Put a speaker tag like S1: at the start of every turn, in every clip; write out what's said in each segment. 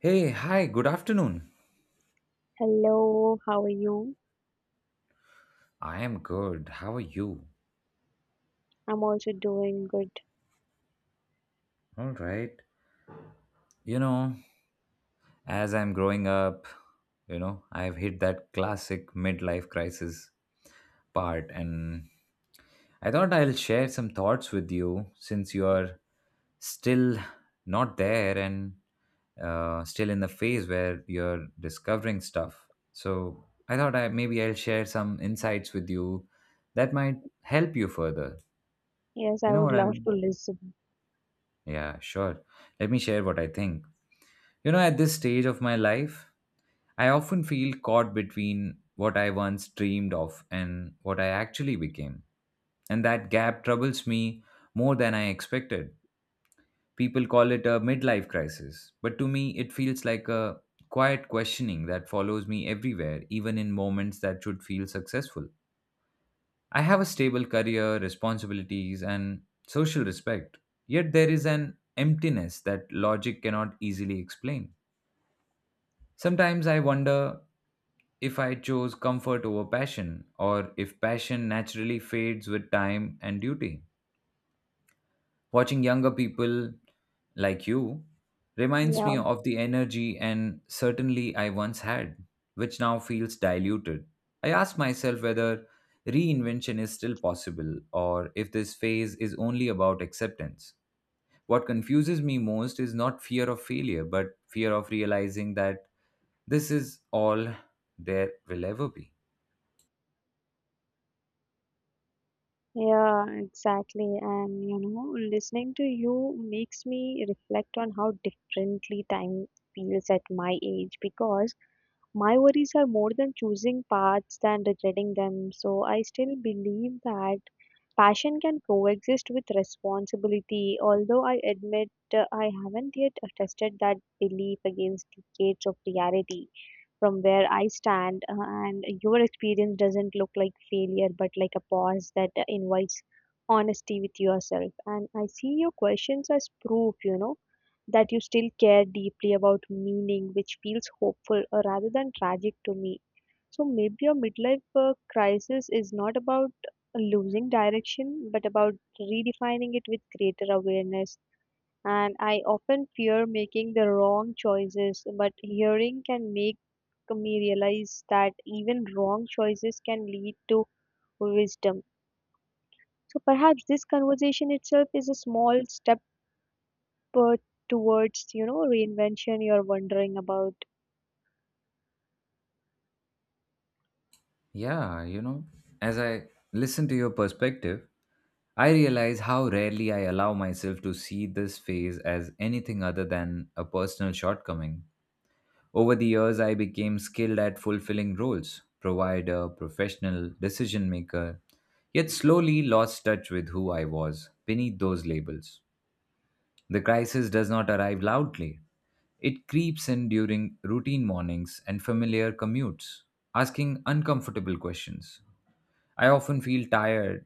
S1: Hey, hi, good afternoon.
S2: Hello, how are you?
S1: I am good. How are you?
S2: I'm also doing good.
S1: All right. You know, as I'm growing up, you know, I've hit that classic midlife crisis part, and I thought I'll share some thoughts with you since you're still not there and still in the phase where you're discovering stuff. So I thought I maybe I'll share some insights with you that might help you further.
S2: Yes,
S1: You
S2: I
S1: know
S2: would
S1: what I
S2: love
S1: mean?
S2: to listen.
S1: Yeah, sure. Let me share what I think. You know, at this stage of my life, I often feel caught between what I once dreamed of and what I actually became. And that gap troubles me more than I expected. People call it a midlife crisis, but to me, it feels like a quiet questioning that follows me everywhere, even in moments that should feel successful. I have a stable career, responsibilities, and social respect. Yet there is an emptiness that logic cannot easily explain. Sometimes I wonder if I chose comfort over passion, or if passion naturally fades with time and duty. Watching younger people like you reminds me
S2: Yeah,
S1: of the energy and certainly I once had, which now feels diluted. I ask myself whether reinvention is still possible or if this phase is only about acceptance. What confuses me most is not fear of failure, but fear of realizing that this is all there will ever be.
S2: yeah, exactly. And you know, listening to you makes me reflect on how differently time feels at my age because my worries are more than choosing paths than regretting them. So I still believe that passion can coexist with responsibility, although I admit I haven't yet tested that belief against decades of reality. From where I stand, and your experience doesn't look like failure but like a pause that invites honesty with yourself. And I see your questions as proof, you know, that you still care deeply about meaning, which feels hopeful rather than tragic to me. So maybe your midlife crisis is not about losing direction, but about redefining it with greater awareness. And I often fear making the wrong choices, but hearing can make me realize that even wrong choices can lead to wisdom. So perhaps this conversation itself is a small step uh, towards, you know, reinvention you're wondering about.
S1: Yeah, you know, as I listen to your perspective, I realize how rarely I allow myself to see this phase as anything other than a personal shortcoming. Over the years, I became skilled at fulfilling roles provider, professional, decision maker, yet slowly lost touch with who I was beneath those labels. The crisis does not arrive loudly, it creeps in during routine mornings and familiar commutes, asking uncomfortable questions. I often feel tired,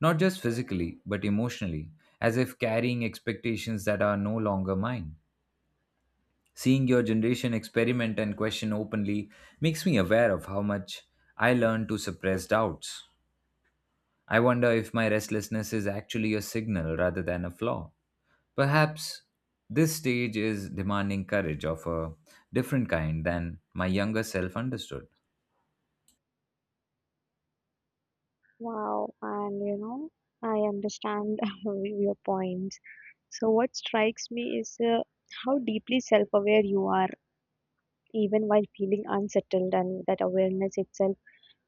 S1: not just physically, but emotionally, as if carrying expectations that are no longer mine. Seeing your generation experiment and question openly makes me aware of how much I learned to suppress doubts. I wonder if my restlessness is actually a signal rather than a flaw. Perhaps this stage is demanding courage of a different kind than my younger self understood.
S2: Wow, and you know, I understand your points. So, what strikes me is how deeply self aware you are, even while feeling unsettled, and that awareness itself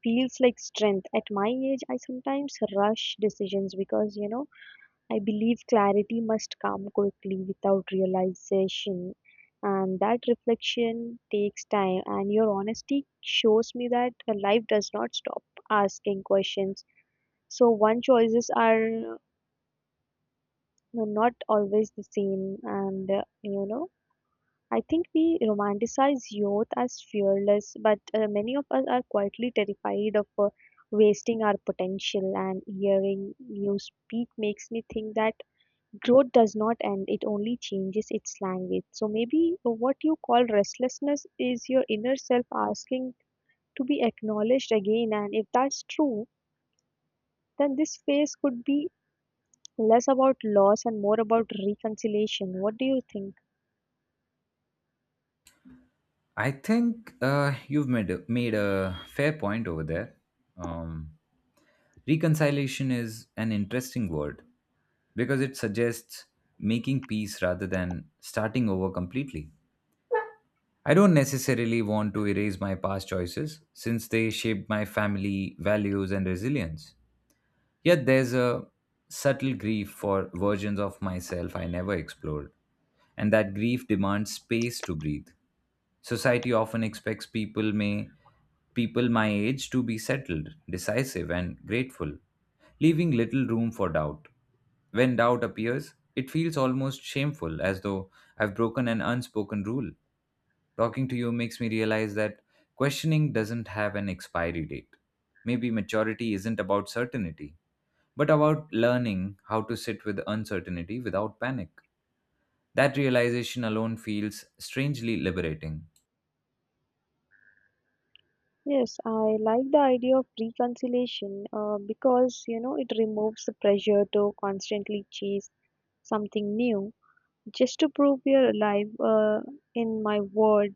S2: feels like strength. At my age, I sometimes rush decisions because, you know, I believe clarity must come quickly without realization. And that reflection takes time. And your honesty shows me that life does not stop asking questions. So, one choices are not always the same. You know, I think we romanticize youth as fearless, but many of us are quietly terrified of wasting our potential. And hearing you speak makes me think that growth does not end, it only changes its language. So maybe what you call restlessness is your inner self asking to be acknowledged again. And if that's true, then this phase could be less about loss and more about reconciliation. What do you think?
S1: I think you've made a fair point over there. Um, Reconciliation is an interesting word because it suggests making peace rather than starting over completely. I don't necessarily want to erase my past choices since they shaped my family, values, and resilience. Yet there's a subtle grief for versions of myself I never explored, and that grief demands space to breathe. Society often expects people my age to be settled, decisive and grateful, leaving little room for doubt. When doubt appears, it feels almost shameful as though I've broken an unspoken rule. Talking to you makes me realize that questioning doesn't have an expiry date. Maybe maturity isn't about certainty but about learning how to sit with uncertainty without panic. That realization alone feels strangely liberating.
S2: Yes, I like the idea of reconciliation because you know it removes the pressure to constantly chase something new just to prove you're alive. In my world,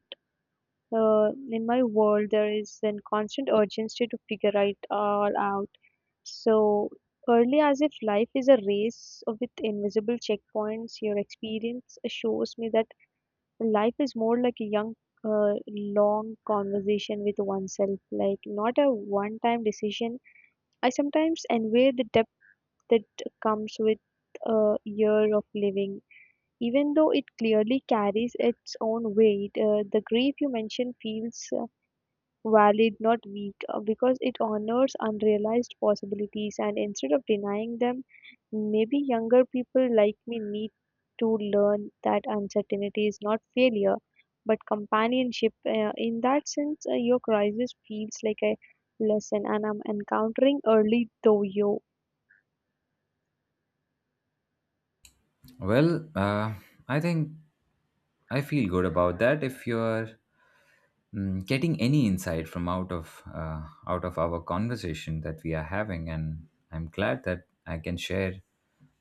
S2: in my world, there is a constant urgency to figure it all out. So early, as if life is a race with invisible checkpoints, your experience shows me that life is more like a young long conversation with oneself, like not a one time decision. I sometimes envy the depth that comes with a year of living, even though it clearly carries its own weight. The grief you mentioned feels valid, not weak, because it honors unrealized possibilities. And instead of denying them, maybe younger people like me need to learn that uncertainty is not failure but companionship. In that sense, your crisis feels like a lesson, and I'm encountering early though you.
S1: Well, I think I feel good about that. If you're getting any insight from out of our conversation that we are having, and I'm glad that I can share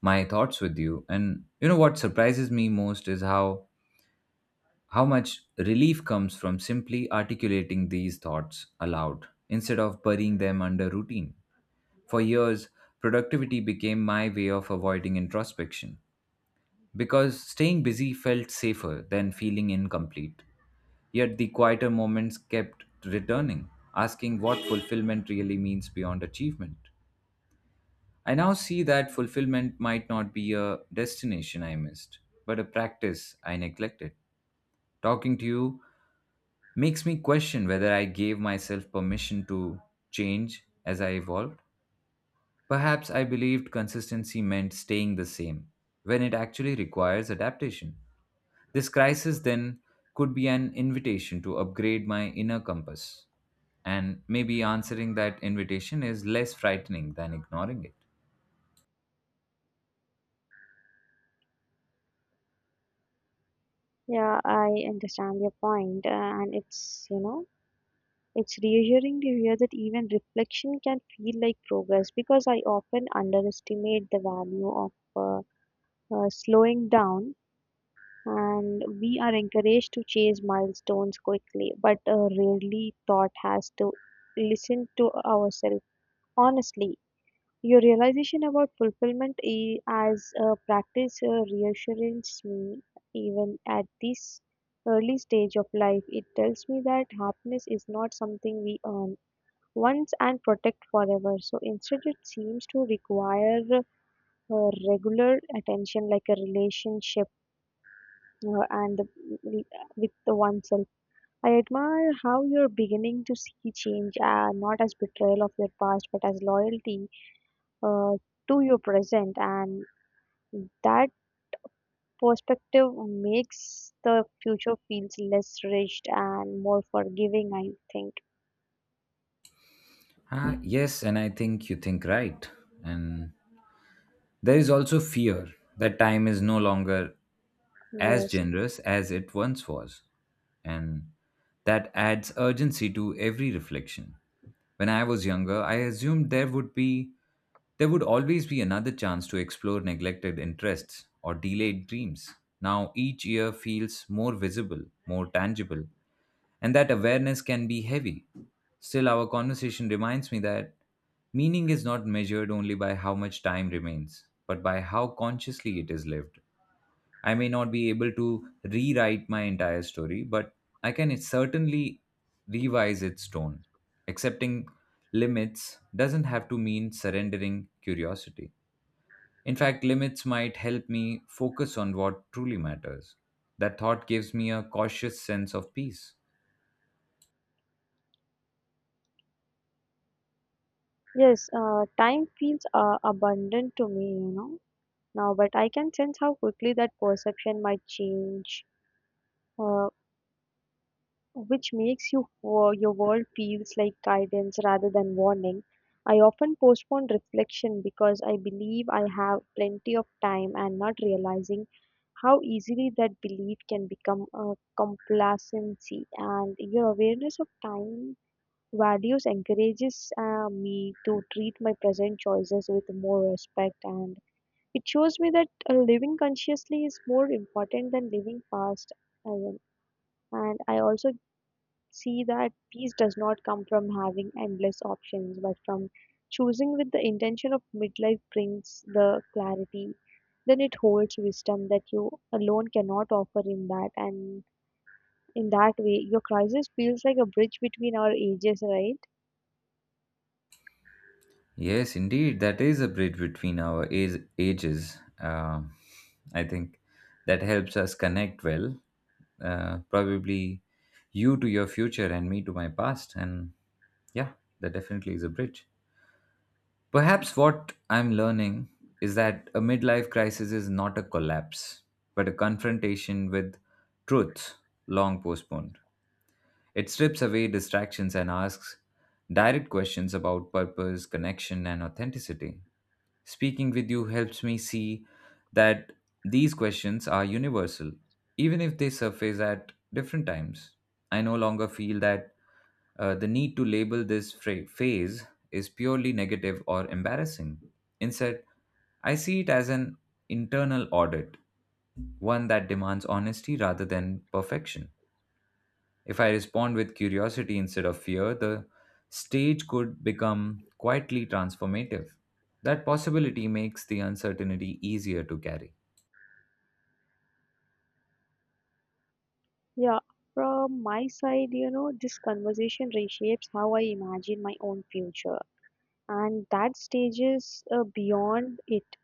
S1: my thoughts with you. And you know what surprises me most is how much relief comes from simply articulating these thoughts aloud instead of burying them under routine. For years, productivity became my way of avoiding introspection because staying busy felt safer than feeling incomplete. Yet the quieter moments kept returning, asking what fulfillment really means beyond achievement. I now see that fulfillment might not be a destination I missed, but a practice I neglected. Talking to you makes me question whether I gave myself permission to change as I evolved. Perhaps I believed consistency meant staying the same, when it actually requires adaptation. This crisis then could be an invitation to upgrade my inner compass, and maybe answering that invitation is less frightening than ignoring it.
S2: Yeah, I understand your point, and it's, you know, it's reassuring to hear that even reflection can feel like progress because I often underestimate the value of slowing down. And we are encouraged to chase milestones quickly but rarely thought has to listen to ourselves honestly. Your realization about fulfillment as a practice reassures me even at this early stage of life. It tells me that happiness is not something we earn once and protect forever. So instead, it seems to require regular attention, like a relationship uh, and the- with the oneself. I admire how you're beginning to see change, not as betrayal of your past, but as loyalty uh, to your present, and that perspective makes the future feels less rigid and more forgiving. I think
S1: Ah, yes, and I think you think right. And there is also fear that time is no longer as
S2: yes,
S1: generous as it once was. And that adds urgency to every reflection. When I was younger, I assumed there would always be another chance to explore neglected interests or delayed dreams. Now each year feels more visible, more tangible, and that awareness can be heavy. Still, our conversation reminds me that meaning is not measured only by how much time remains, but by how consciously it is lived. I may not be able to rewrite my entire story, but I can certainly revise its tone. Accepting limits doesn't have to mean surrendering curiosity. In fact, limits might help me focus on what truly matters. That thought gives me a cautious sense of peace.
S2: yes. Time feels abundant to me, you know, now, but I can sense how quickly that perception might change, uh, which makes you your world feels like guidance rather than warning. I often postpone reflection because I believe I have plenty of time and not realizing how easily that belief can become a complacency. And your awareness of time values encourages me to treat my present choices with more respect. And it shows me that living consciously is more important than living fast. Arun. And I also see that peace does not come from having endless options, but from choosing with the intention of midlife brings the clarity. Then it holds wisdom that you alone cannot offer in that. And in that way, your crisis feels like a bridge between our ages, right?
S1: Yes, indeed, that is a bridge between our ages. I think that helps us connect well. Probably you to your future and me to my past. And yeah, that definitely is a bridge. Perhaps what I'm learning is that a midlife crisis is not a collapse, but a confrontation with truths long postponed. It strips away distractions and asks direct questions about purpose, connection, and authenticity. Speaking with you helps me see that these questions are universal, even if they surface at different times. I no longer feel that the need to label this phase is purely negative or embarrassing. Instead, I see it as an internal audit, one that demands honesty rather than perfection. If I respond with curiosity instead of fear, the stage could become quietly transformative. That possibility makes the uncertainty easier to carry.
S2: Yeah, from my side, you know, this conversation reshapes how I imagine my own future. And that stage is beyond it.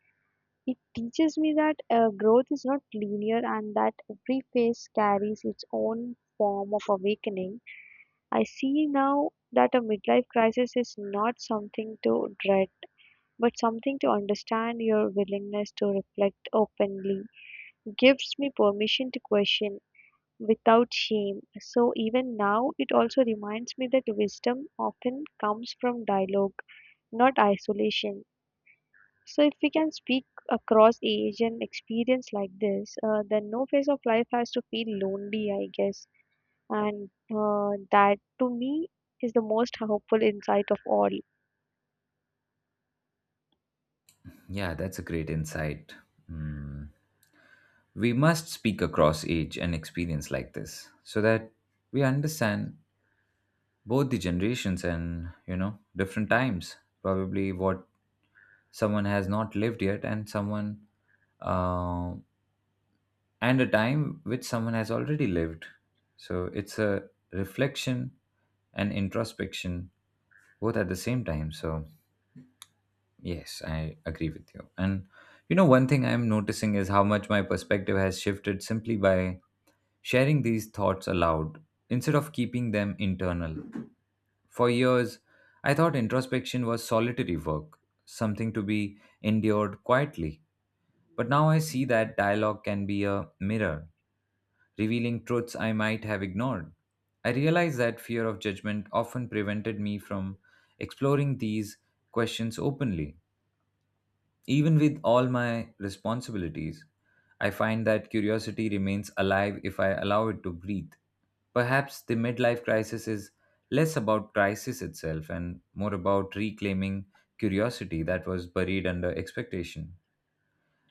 S2: It teaches me that growth is not linear and that every phase carries its own form of awakening. I see now that a midlife crisis is not something to dread, but something to understand. Your willingness to reflect openly gives me permission to question without shame. So even now, it also reminds me that wisdom often comes from dialogue, not isolation. So, if we can speak across age and experience like this, then no phase of life has to feel lonely, I guess. And that, to me, is the most hopeful insight of all.
S1: Yeah, that's a great insight. Hmm. We must speak across age and experience like this so that we understand both the generations and, you know, different times. Probably what someone has not lived yet and someone uh, and a time which someone has already lived. So it's a reflection and introspection both at the same time. So, yes, I agree with you. And you know, one thing I'm noticing is how much my perspective has shifted simply by sharing these thoughts aloud instead of keeping them internal. For years, I thought introspection was solitary work, something to be endured quietly. But now I see that dialogue can be a mirror revealing truths I might have ignored. I realized that fear of judgment often prevented me from exploring these questions openly, even with all my responsibilities. I find that curiosity remains alive if I allow it to breathe. Perhaps the midlife crisis is less about crisis itself and more about reclaiming curiosity that was buried under expectation.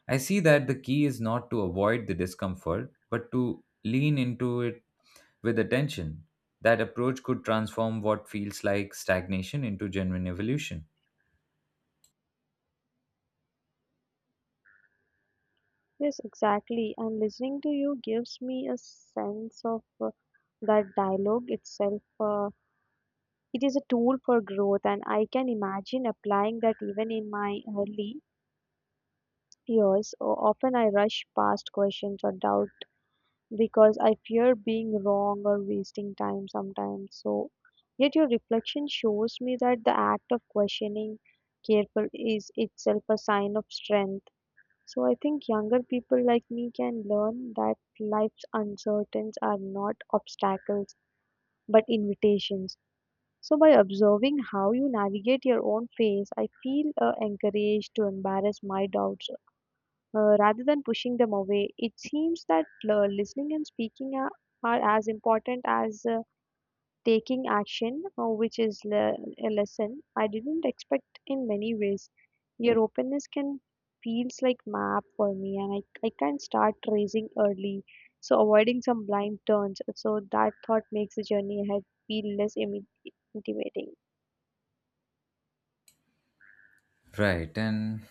S1: I see that the key is not to avoid the discomfort, but to lean into it with attention. That approach could transform what feels like stagnation into genuine evolution.
S2: Yes, exactly. And listening to you gives me a sense of that dialogue itself. It is a tool for growth, and I can imagine applying that even in my early years. Often I rush past questions or doubts because I fear being wrong or wasting time sometimes. So, yet your reflection shows me that the act of questioning careful is itself a sign of strength. So, I think younger people like me can learn that life's uncertainties are not obstacles but invitations. So, by observing how you navigate your own phase, I feel encouraged to embarrass my doubts rather than pushing them away. It seems that listening and speaking are as important as taking action, which is a lesson I didn't expect in many ways. Your openness can feels like map for me, and I can start tracing early, so avoiding some blind turns. So that thought makes the journey ahead feel less intimidating.
S1: Right. And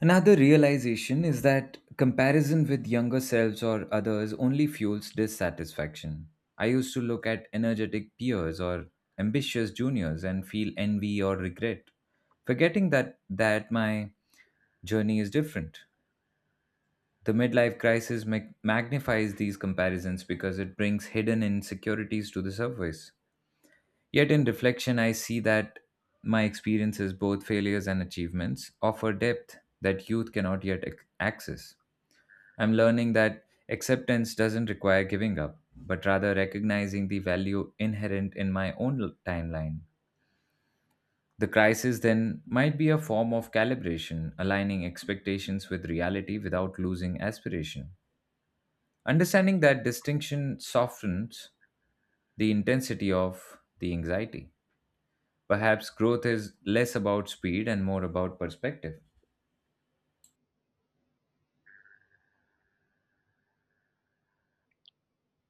S1: another realization is that comparison with younger selves or others only fuels dissatisfaction. I used to look at energetic peers or ambitious juniors and feel envy or regret, forgetting that my journey is different. The midlife crisis magnifies these comparisons because it brings hidden insecurities to the surface. Yet, in reflection, I see that my experiences, both failures and achievements, offer depth that youth cannot yet access. I'm learning that acceptance doesn't require giving up, but rather recognizing the value inherent in my own timeline. The crisis then might be a form of calibration, aligning expectations with reality without losing aspiration. Understanding that distinction softens the intensity of the anxiety. Perhaps growth is less about speed and more about perspective.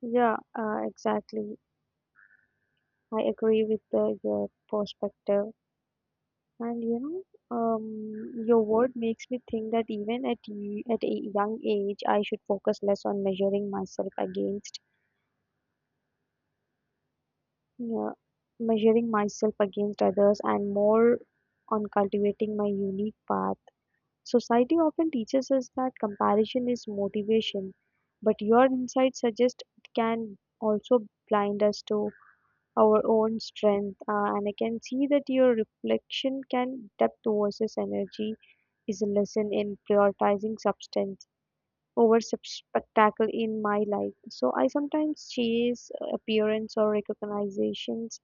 S2: Yeah, exactly. I agree with your perspective. And you know, your word makes me think that even at at a young age, I should focus less on measuring myself against, yeah, measuring myself against others and more on cultivating my unique path. Society often teaches us that comparison is motivation, but your insight suggests it can also blind us to our own strength. And I can see that your reflection can depth versus energy is a lesson in prioritizing substance over spectacle in my life. So I sometimes chase appearance or recognitions,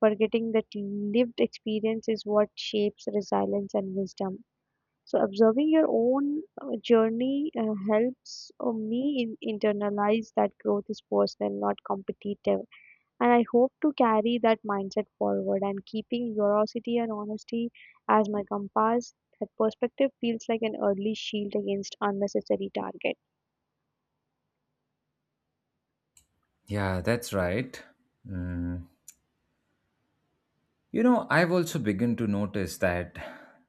S2: forgetting that lived experience is what shapes resilience and wisdom. So observing your own journey helps me in internalize that growth is personal, not competitive. And I hope to carry that mindset forward and keeping curiosity and honesty as my compass. That perspective feels like an early shield against unnecessary target.
S1: Yeah, that's right. Mm. You know, I've also begun to notice that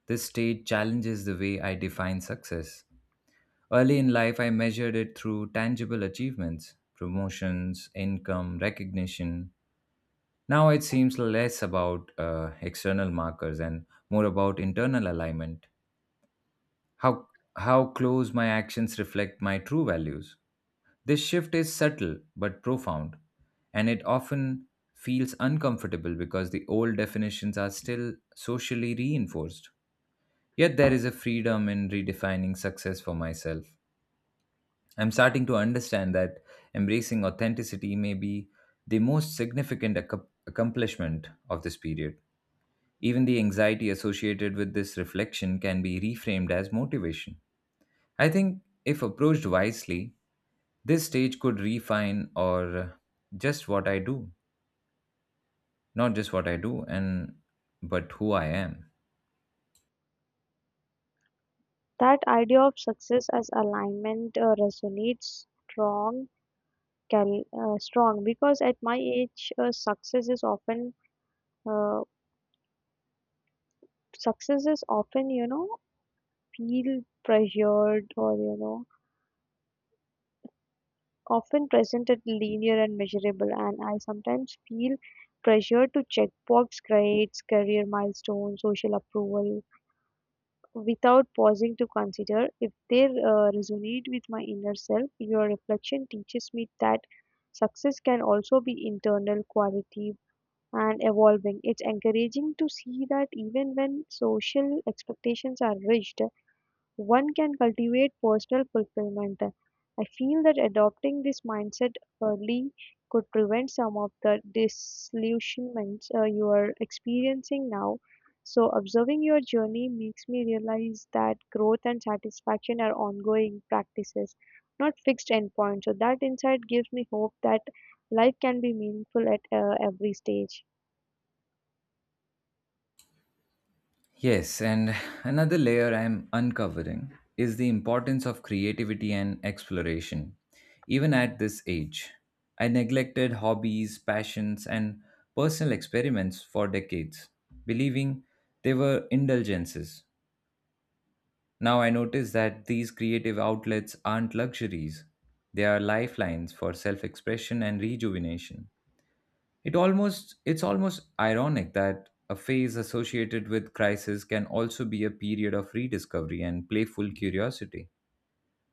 S1: this stage challenges the way I define success. Early in life, I measured it through tangible achievements, promotions, income, recognition. Now it seems less about external markers and more about internal alignment. how how close my actions reflect my true values. This shift is subtle but profound, and it often feels uncomfortable because the old definitions are still socially reinforced. Yet there is a freedom in redefining success for myself. I'm starting to understand that embracing authenticity may be the most significant accomplishment of this period. Even the anxiety associated with this reflection can be reframed as motivation. I think if approached wisely, this stage could refine or just what I do, not just what I do and but who I am.
S2: That idea of success as alignment resonates strong, strong because at my age, uh, success is often, you know, feel pressured, or, you know, often presented linear and measurable, and I sometimes feel pressure to check box grades, career milestones, social approval, without pausing to consider if they resonate with my inner self. Your reflection teaches me that success can also be internal quality and evolving. It's encouraging to see that even when social expectations are rigid, one can cultivate personal fulfillment. I feel that adopting this mindset early could prevent some of the disillusionments you are experiencing now. So, observing your journey makes me realize that growth and satisfaction are ongoing practices, not fixed endpoints. So, that insight gives me hope that life can be meaningful at every stage.
S1: Yes, and another layer I'm uncovering is the importance of creativity and exploration. Even at this age, I neglected hobbies, passions, and personal experiments for decades, believing they were indulgences. Now I notice that these creative outlets aren't luxuries. They are lifelines for self-expression and rejuvenation. It's almost ironic that a phase associated with crisis can also be a period of rediscovery and playful curiosity.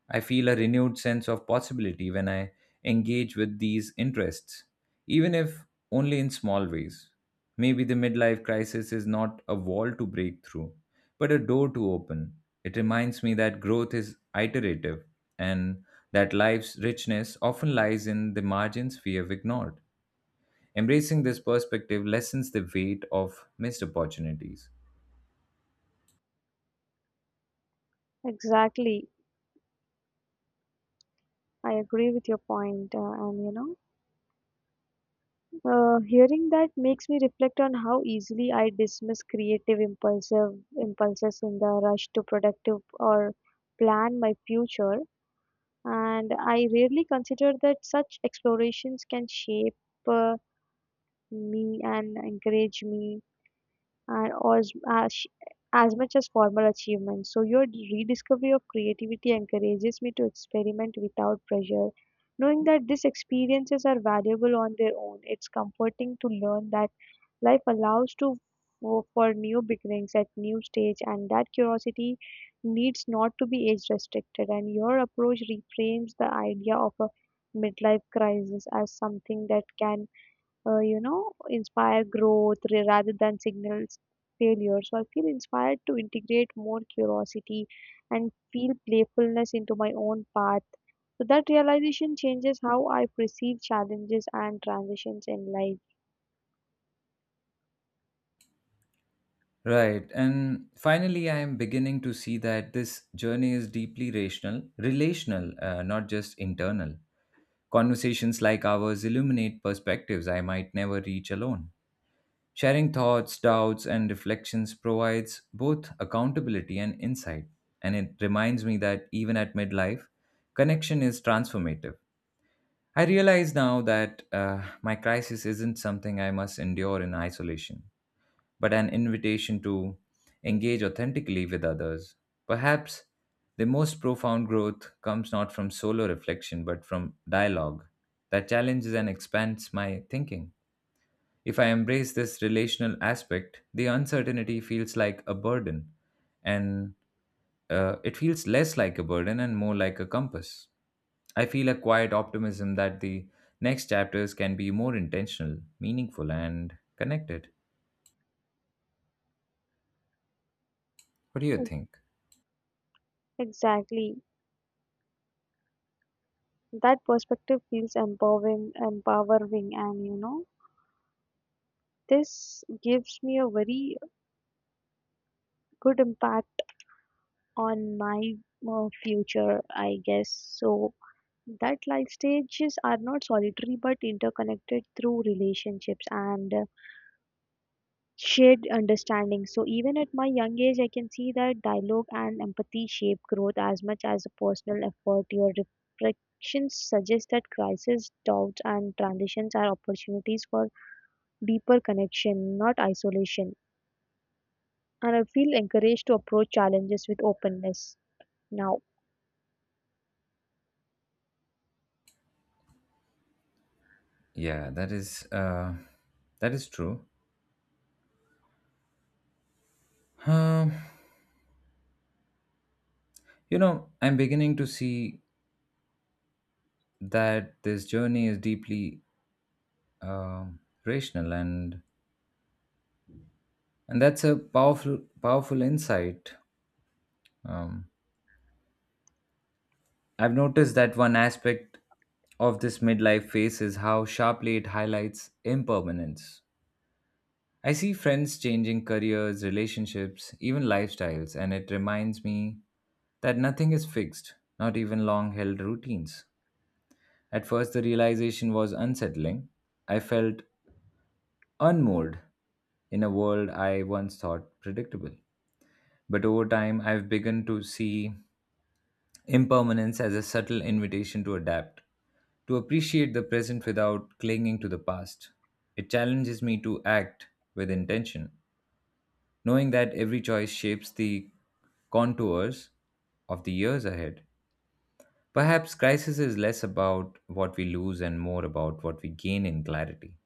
S1: I feel a renewed sense of possibility when I engage with these interests, even if only in small ways. Maybe the midlife crisis is not a wall to break through, but a door to open. It reminds me that growth is iterative and that life's richness often lies in the margins we have ignored. Embracing this perspective lessens the weight of missed opportunities.
S2: Exactly. I agree with your point, and you know. Hearing that makes me reflect on how easily I dismiss creative impulsive impulses in the rush to productive or plan my future, and I rarely consider that such explorations can shape uh, me and encourage me and as, as as much as formal achievements. So your rediscovery of creativity encourages me to experiment without pressure. Knowing that these experiences are valuable on their own, it's comforting to learn that life allows to for new beginnings at new stage, and that curiosity needs not to be age restricted. And your approach reframes the idea of a midlife crisis as something that can you know, inspire growth rather than signals failure. So I feel inspired to integrate more curiosity and feel playfulness into my own path, so that realization changes how I perceive challenges and transitions in life.
S1: Right. And finally, I am beginning to see that this journey is deeply relational, not just internal. Conversations like ours illuminate perspectives I might never reach alone. Sharing thoughts, doubts, and reflections provides both accountability and insight. And it reminds me that even at midlife, connection is transformative. I realize now that my crisis isn't something I must endure in isolation but an invitation to engage authentically with others. Perhaps the most profound growth comes not from solo reflection but from dialogue that challenges and expands my thinking. If I embrace this relational aspect, the uncertainty feels like a burden, and it feels less like a burden and more like a compass. I feel a quiet optimism that the next chapters can be more intentional, meaningful, and connected. What do you
S2: Mm,
S1: think?
S2: Exactly. That perspective feels empowering. And you know, this gives me a very good impact on my future, I guess. So that life stages are not solitary but interconnected through relationships and shared understanding. So even at my young age I can see that dialogue and empathy shape growth as much as a personal effort. Your reflections suggest that crisis doubts and transitions are opportunities for deeper connection, not isolation. And I feel encouraged to approach challenges with openness now.
S1: Yeah, that is true. Um, you know, I'm beginning to see that this journey is deeply um rational, and that's a powerful insight. Um, I've noticed that one aspect of this midlife phase is how sharply it highlights impermanence. I see friends changing careers, relationships, even lifestyles, and it reminds me that nothing is fixed, not even long held routines. At first, the realization was unsettling. I felt unmoored in a world I once thought predictable. But over time, I've begun to see impermanence as a subtle invitation to adapt, to appreciate the present without clinging to the past. It challenges me to act with intention, knowing that every choice shapes the contours of the years ahead. Perhaps crisis is less about what we lose and more about what we gain in clarity.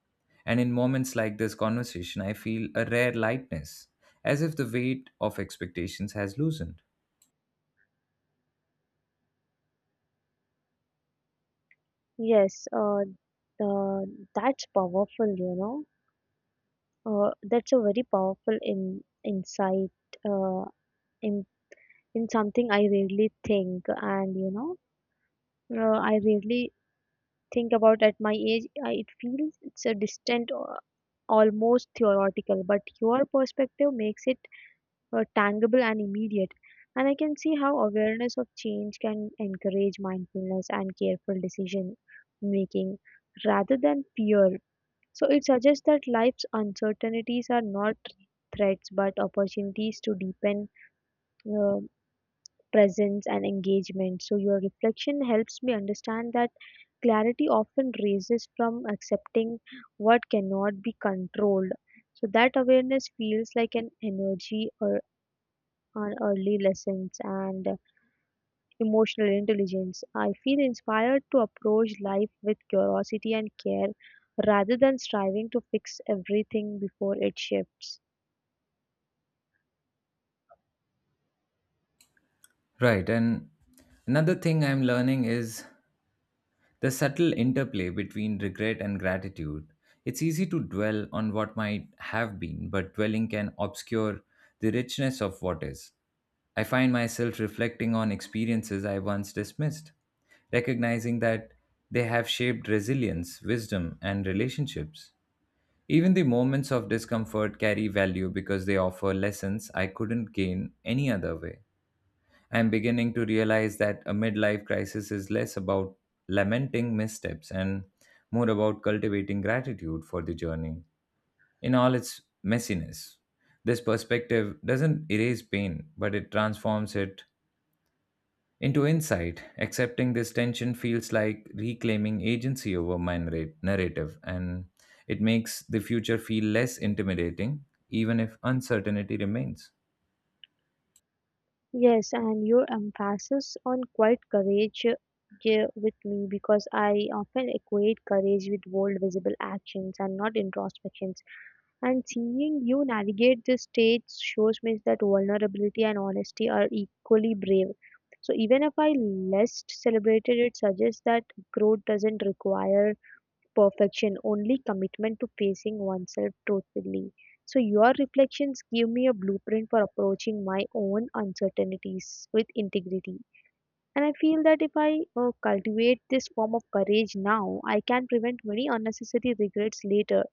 S1: And in moments like this conversation, I feel a rare lightness, as if the weight of expectations has loosened.
S2: Yes, uh, that's powerful, you know. That's a very powerful insight uh, in, in something I rarely think, and you know, I rarely think about at my age. It feels it's a distant, almost theoretical, but your perspective makes it tangible and immediate. And I can see how awareness of change can encourage mindfulness and careful decision making rather than fear. So it suggests that life's uncertainties are not threats but opportunities to deepen uh, presence and engagement. So your reflection helps me understand that clarity often raises from accepting what cannot be controlled. So that awareness feels like an energy or on early lessons and emotional intelligence. I feel inspired to approach life with curiosity and care rather than striving to fix everything before it shifts.
S1: Right, and another thing I'm learning is the subtle interplay between regret and gratitude. It's easy to dwell on what might have been, but dwelling can obscure the richness of what is. I find myself reflecting on experiences I once dismissed, recognizing that they have shaped resilience, wisdom, and relationships. Even the moments of discomfort carry value because they offer lessons I couldn't gain any other way. I'm beginning to realize that a midlife crisis is less about lamenting missteps and more about cultivating gratitude for the journey in all its messiness. This perspective doesn't erase pain, but it transforms it into insight. Accepting this tension feels like reclaiming agency over my narrative, and it makes the future feel less intimidating, even if uncertainty remains.
S2: Yes, and your emphasis on quiet courage, yeah, with me because I often equate courage with bold, visible actions and not introspections. And seeing you navigate this stage shows me that vulnerability and honesty are equally brave. So even if I less celebrated, it suggests that growth doesn't require perfection, only commitment to facing oneself truthfully. So your reflections give me a blueprint for approaching my own uncertainties with integrity. And I feel that if I cultivate this form of courage now, I can prevent many unnecessary regrets later.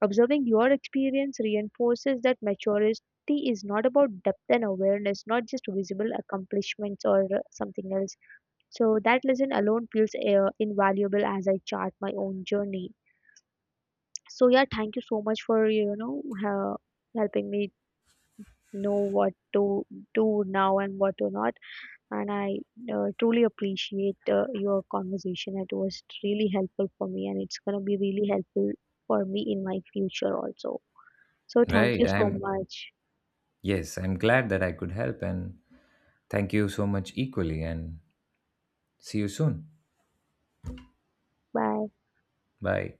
S2: Observing your experience reinforces that maturity is not about depth and awareness, not just visible accomplishments or something else. So that lesson alone feels invaluable as I chart my own journey. So yeah, thank you so much for, you know, uh, helping me know what to do now and what to not. And I truly appreciate your conversation. It was really helpful for me, and it's gonna be really helpful for me in my future also. So thank
S1: Right.
S2: you so much.
S1: Yes, I'm glad that I could help. And thank you so much, equally, and see you soon.
S2: Bye.
S1: Bye.